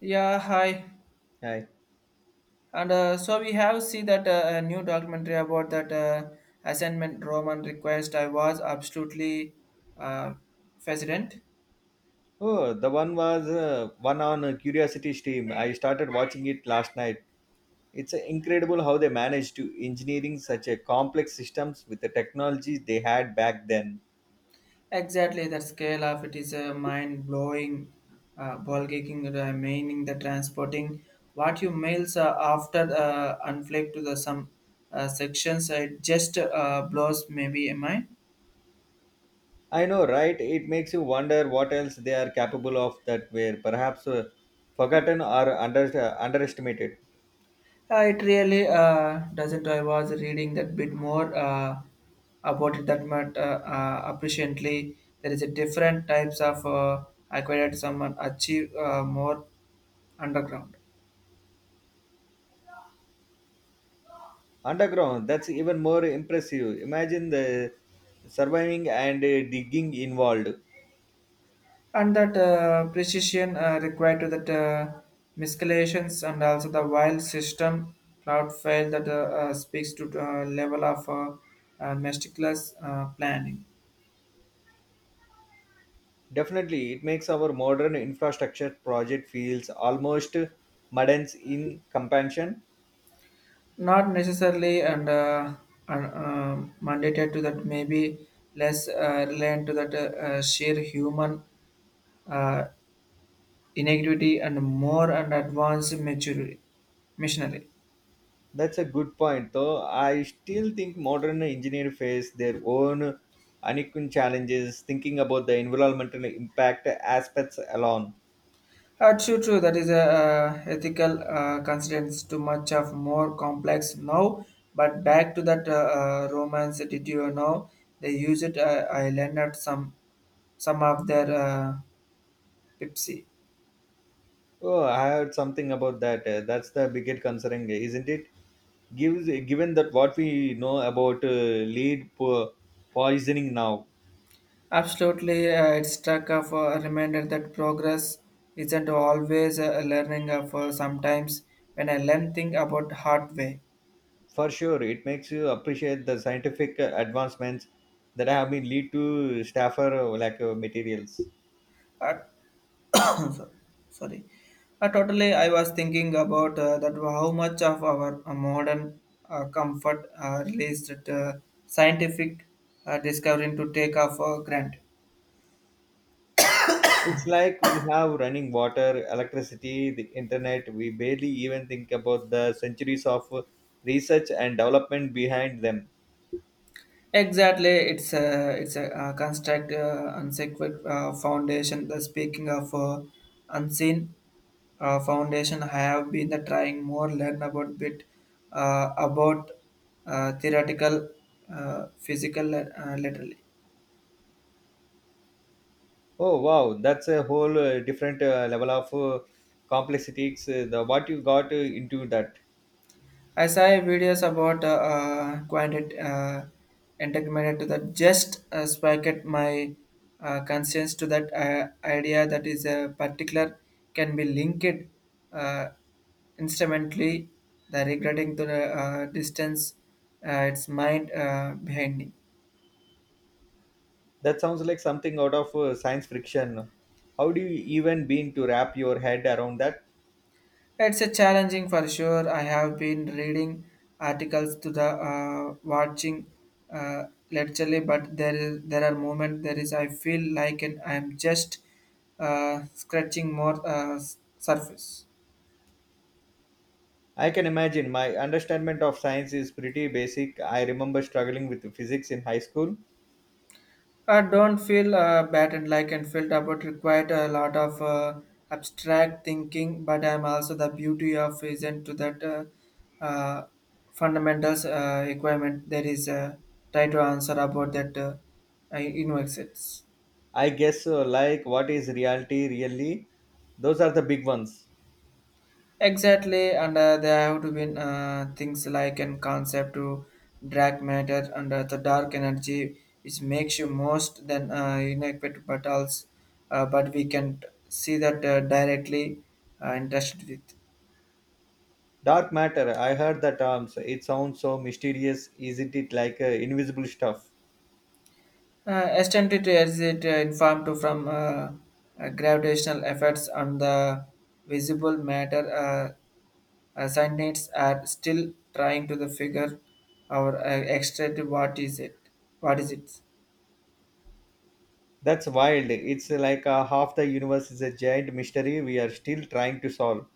Yeah, hi. Hi. And so we have seen that a new documentary about that assignment Roman request. I was absolutely uh, fascinated. Oh, the one was one on Curiosity Stream. I started watching it last night. It's incredible how they managed to engineering such a complex systems with the technologies they had back then. Exactly, the scale of it is mind blowing, ball kicking, meaning the transporting what you mails after unflake to the some sections. It just blows, maybe, am I? I know, right? It makes you wonder what else they are capable of that were perhaps forgotten or underestimated. It really doesn't. I was reading that bit more about it that much appreciably. There is a different types of acquired someone achieve more underground, Underground, that's even more impressive. Imagine the surviving and digging involved. and that precision required to that miscalculations and also the wild system cloud fail that speaks to level of meticulous planning. Definitely, it makes our modern infrastructure project feels almost mundane in comparison. Not necessarily, and mandated to that maybe less reliant to that sheer human uh, inequity and more and advanced maturity missionary. That's a good point, though. I still think modern engineers face their own unequal challenges thinking about the environmental impact aspects alone. That's true, true. That is a ethical constraints too much of more complex now. But back to that romance, did you know they use it? I learned at some of their Pepsi. Oh, I heard something about that. That's the biggest concern, isn't it? Given that what we know about poisoning now. Absolutely, it struck of a reminder that progress isn't always a learning of sometimes when I learn thing about hard way. For sure, it makes you appreciate the scientific advancements that have been lead to staffer like materials. Uh, sorry. Sorry. Totally, I was thinking about that how much of our modern comfort released scientific discovering to take off granted. It's like we have running water, electricity, the internet. We barely even think about the centuries of research and development behind them. Exactly, it's a construct unsacred foundation. The speaking of unseen foundation, I have been trying more learn about bit about theoretical, physical, literally. Oh wow, that's a whole different level of complexity. The what you got into that. I saw videos about quantity entanglement to that just sparked my conscience to that idea that is a particular can be linked uh, instrumentally the regretting to the distance its mind behind. That sounds like something out of science fiction. How do you even begin to wrap your head around that? It's a challenging for sure. I have been reading articles to the watching uh, literally, but there are moments there is I feel like an, I'm just scratching more surface. I can imagine my understanding of science is pretty basic. I remember struggling with physics in high school. I don't feel bad and like and felt about required a lot of abstract thinking, but I'm also the beauty of isn't to that uh, fundamentals requirement. There is a try to answer about that in exits. I guess like what is reality really? Those are the big ones. Exactly, and there have to be things like an concept to drag matter and the dark energy, which makes you most than inadequate, but also, but we can see that directly interested with. Dark matter, I heard the terms. It sounds so mysterious, isn't it? Like invisible stuff. Extended as it informed to from gravitational effects on the visible matter, scientists are still trying to the figure our extract what is it, what is it. That's wild. It's like half the universe is a giant mystery we are still trying to solve.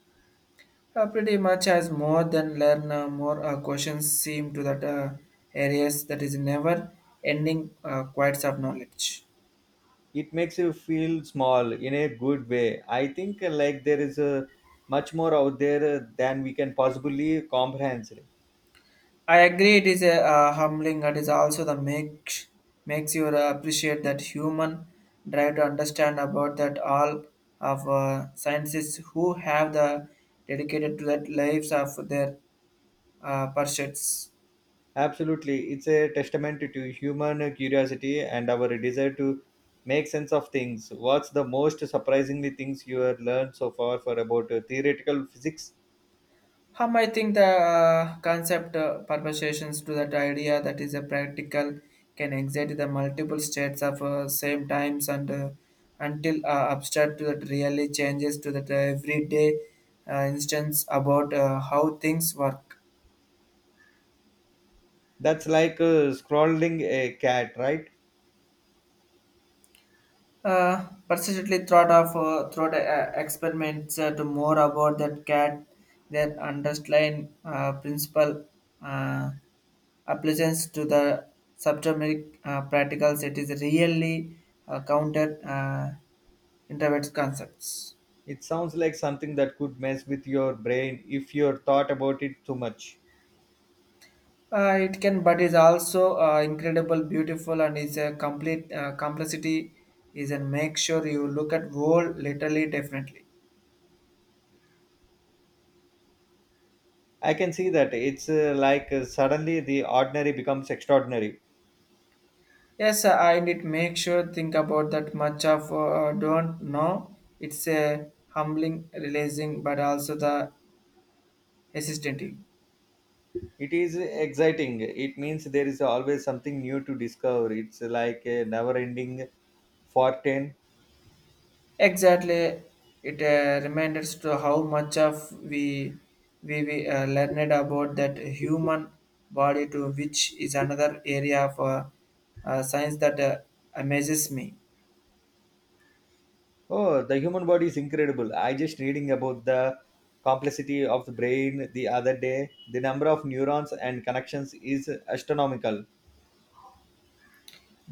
Pretty much as more than learn, more questions seem to that areas that is never ending quite of knowledge. It makes you feel small in a good way. I think like there is much more out there than we can possibly comprehend. I agree it is a humbling. It is also the makes you appreciate that human drive to understand about that all of scientists who have the dedicated to that lives of their pursuits. Absolutely. It's a testament to human curiosity and our desire to make sense of things. What's the most surprisingly things you have learned so far for about theoretical physics? I think the concept permutations to that idea that is a practical can exert the multiple states of same times and until abstract to that really changes to that everyday instance about how things work. That's like scrolling a cat, right? Persistently thought of throughout experiments to more about that cat, their underlying principle uh, applications to the subatomic practicals. It is really counter internet concepts. It sounds like something that could mess with your brain if you're thought about it too much. It can, but is also incredible, beautiful, and is a complete complexity. Is and make sure you look at whole literally differently. I can see that. It's like suddenly the ordinary becomes extraordinary. Yes, I did make sure think about that much of don't know. It's a humbling, releasing, but also the hesitating. It is exciting. It means there is always something new to discover. It's like a never ending Fortin. Exactly, it reminds to how much of we we learned about that human body, to which is another area of science that amazes me. Oh, the human body is incredible. I just reading about the complexity of the brain the other day. The number of neurons and connections is astronomical.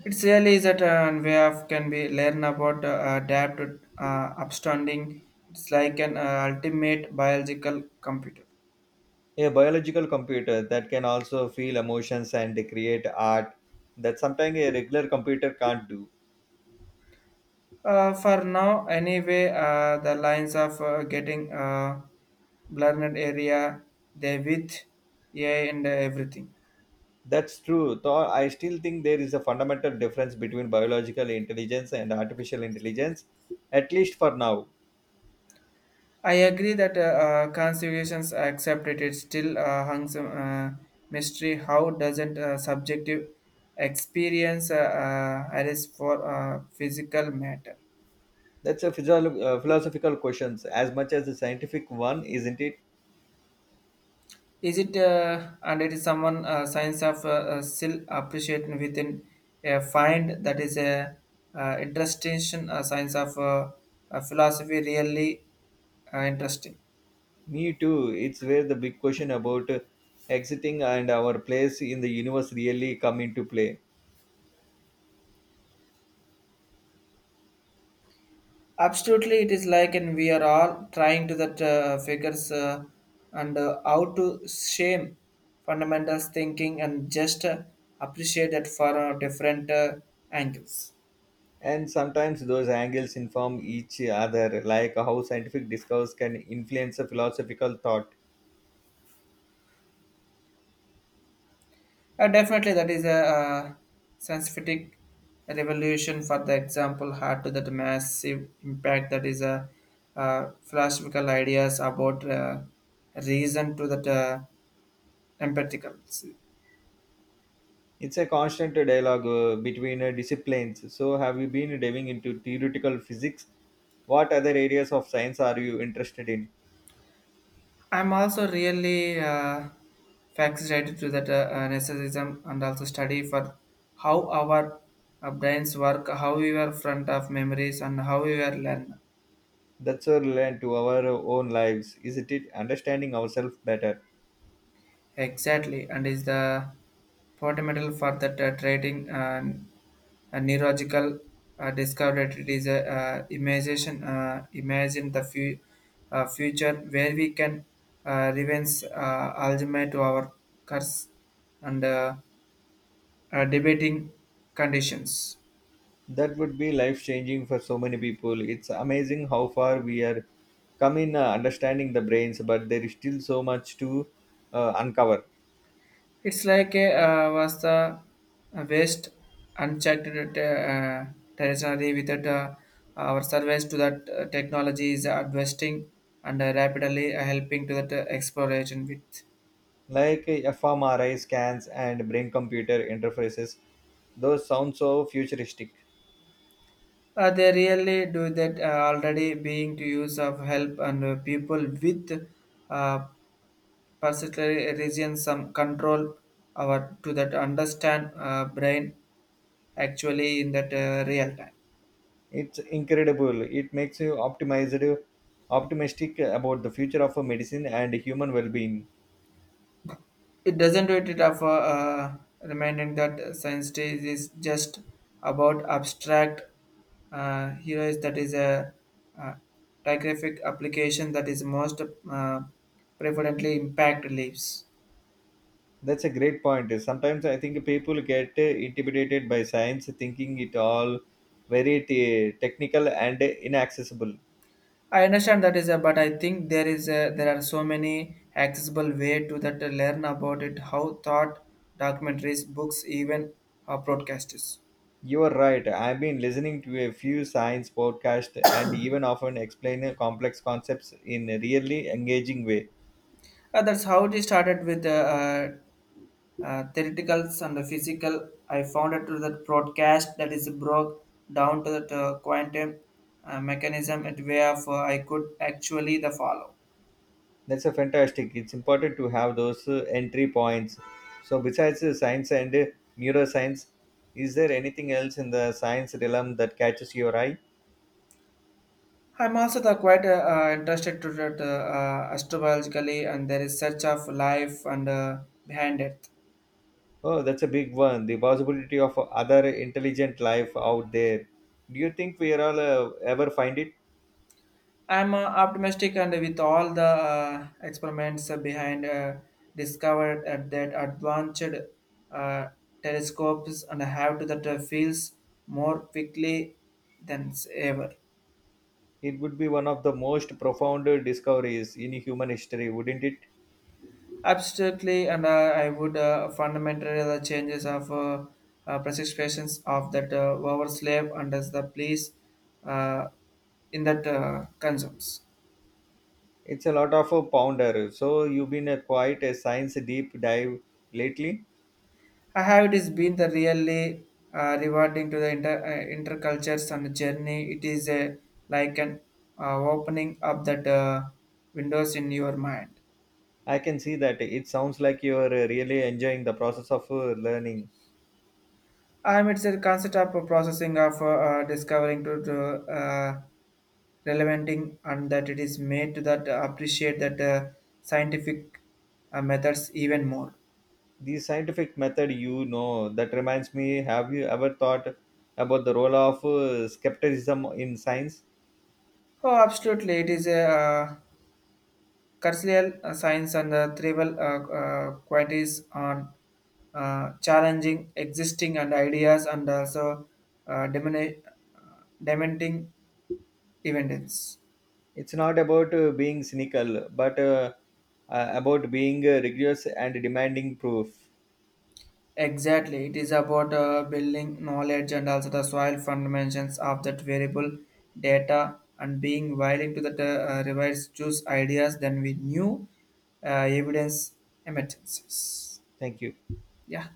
It's really is that and way of can be learn about adapt upstanding. It's like an ultimate biological computer. A biological computer that can also feel emotions and create art that sometimes a regular computer can't do. For now, anyway, the lines of getting blurred area, they with AI and everything. That's true. Though I still think there is a fundamental difference between biological intelligence and artificial intelligence, at least for now. I agree that constitutions accepted it still hangs mystery. How doesn't subjective experience arise for physical matter? That's a philosophical question as much as a scientific one, isn't it? Is it and it is someone science of still appreciating within a find that is a interesting science of philosophy really interesting. Me too. It's where the big question about exiting and our place in the universe really come into play. Absolutely, it is like and we are all trying to that figures and how to shame fundamentals thinking and just appreciate that for different angles. And sometimes those angles inform each other, like how scientific discourse can influence a philosophical thought. Definitely, that is a scientific revolution. For the example, had to that massive impact that is a philosophical ideas about reason to that empathical. It's a constant dialogue between disciplines. So, have you been diving into theoretical physics? What other areas of science are you interested in? I'm also really fascinated to that narcissism and also study for how our brains work, how we are front of memories, and how we are learn. That's relevant to our own lives, isn't it? Understanding ourselves better. Exactly, and is the fundamental for that trading. And neurological discovered it is a imagination imagine the future where we can revenge ultimate to our curse and debating conditions. That would be life changing for so many people. It's amazing how far we are come in understanding the brains, but there is still so much to uncover. It's like a was the waste unchecked uh, territory without our service to that technology is advancing and rapidly helping to that exploration with. Like fMRI scans and brain computer interfaces, those sound so futuristic. They really do that already being to use of help and people with uh, particular regions some control our to that understand brain actually in that real time. It's incredible. It makes you optimized, optimistic about the future of medicine and human well being. It doesn't do it of reminding that science day is just about abstract heroes that is a uh, digraphic application that is most uh, preferably impact leaves. That's a great point. Sometimes I think people get intimidated by science, thinking it all very technical and inaccessible. I understand that is a, but I think there are so many accessible way to that to learn about it. How thought documentaries, books, even broadcasters. You are right. I've been listening to a few science podcasts and even often explain complex concepts in a really engaging way. That's how it started with the theoreticals and the physical. I found it through that broadcast that is broke down to the quantum mechanism. It way of I could actually the follow. That's a fantastic. It's important to have those entry points. So, besides science and neuroscience, is there anything else in the science realm that catches your eye? I'm also the quite interested to that astrologically, and there is search of life and behind it. Oh, that's a big one. The possibility of other intelligent life out there. Do you think we are all ever find it? I'm optimistic, and with all the experiments behind discovered at that advanced uh, telescopes, and have to that feels more quickly than ever. It would be one of the most profound discoveries in human history, wouldn't it? Absolutely, and I would fundamentally the changes of prescriptions of that our slave and as the police uh, in that consumes. It's a lot of a pounder. So you've been a quite a science deep dive lately. I have it has been the really rewarding to the intercultures and journey. It is a like an opening up that windows in your mind. I can see that. It sounds like you are really enjoying the process of learning. It's a concept of a processing of discovering to uh, relevanting and that it is made to that appreciate that scientific methods even more. The scientific method, you know, that reminds me. Have you ever thought about the role of skepticism in science? Oh, absolutely! It is a cultural science and the tribal qualities on challenging existing and ideas and also uh, demoni- uh, dementing evidence. It's not about being cynical, but about being rigorous and demanding proof. Exactly, it is about building knowledge and also the soil fundamentals of that variable data and being willing to the revise choose ideas than we knew evidence emergencies. Thank you. Yeah.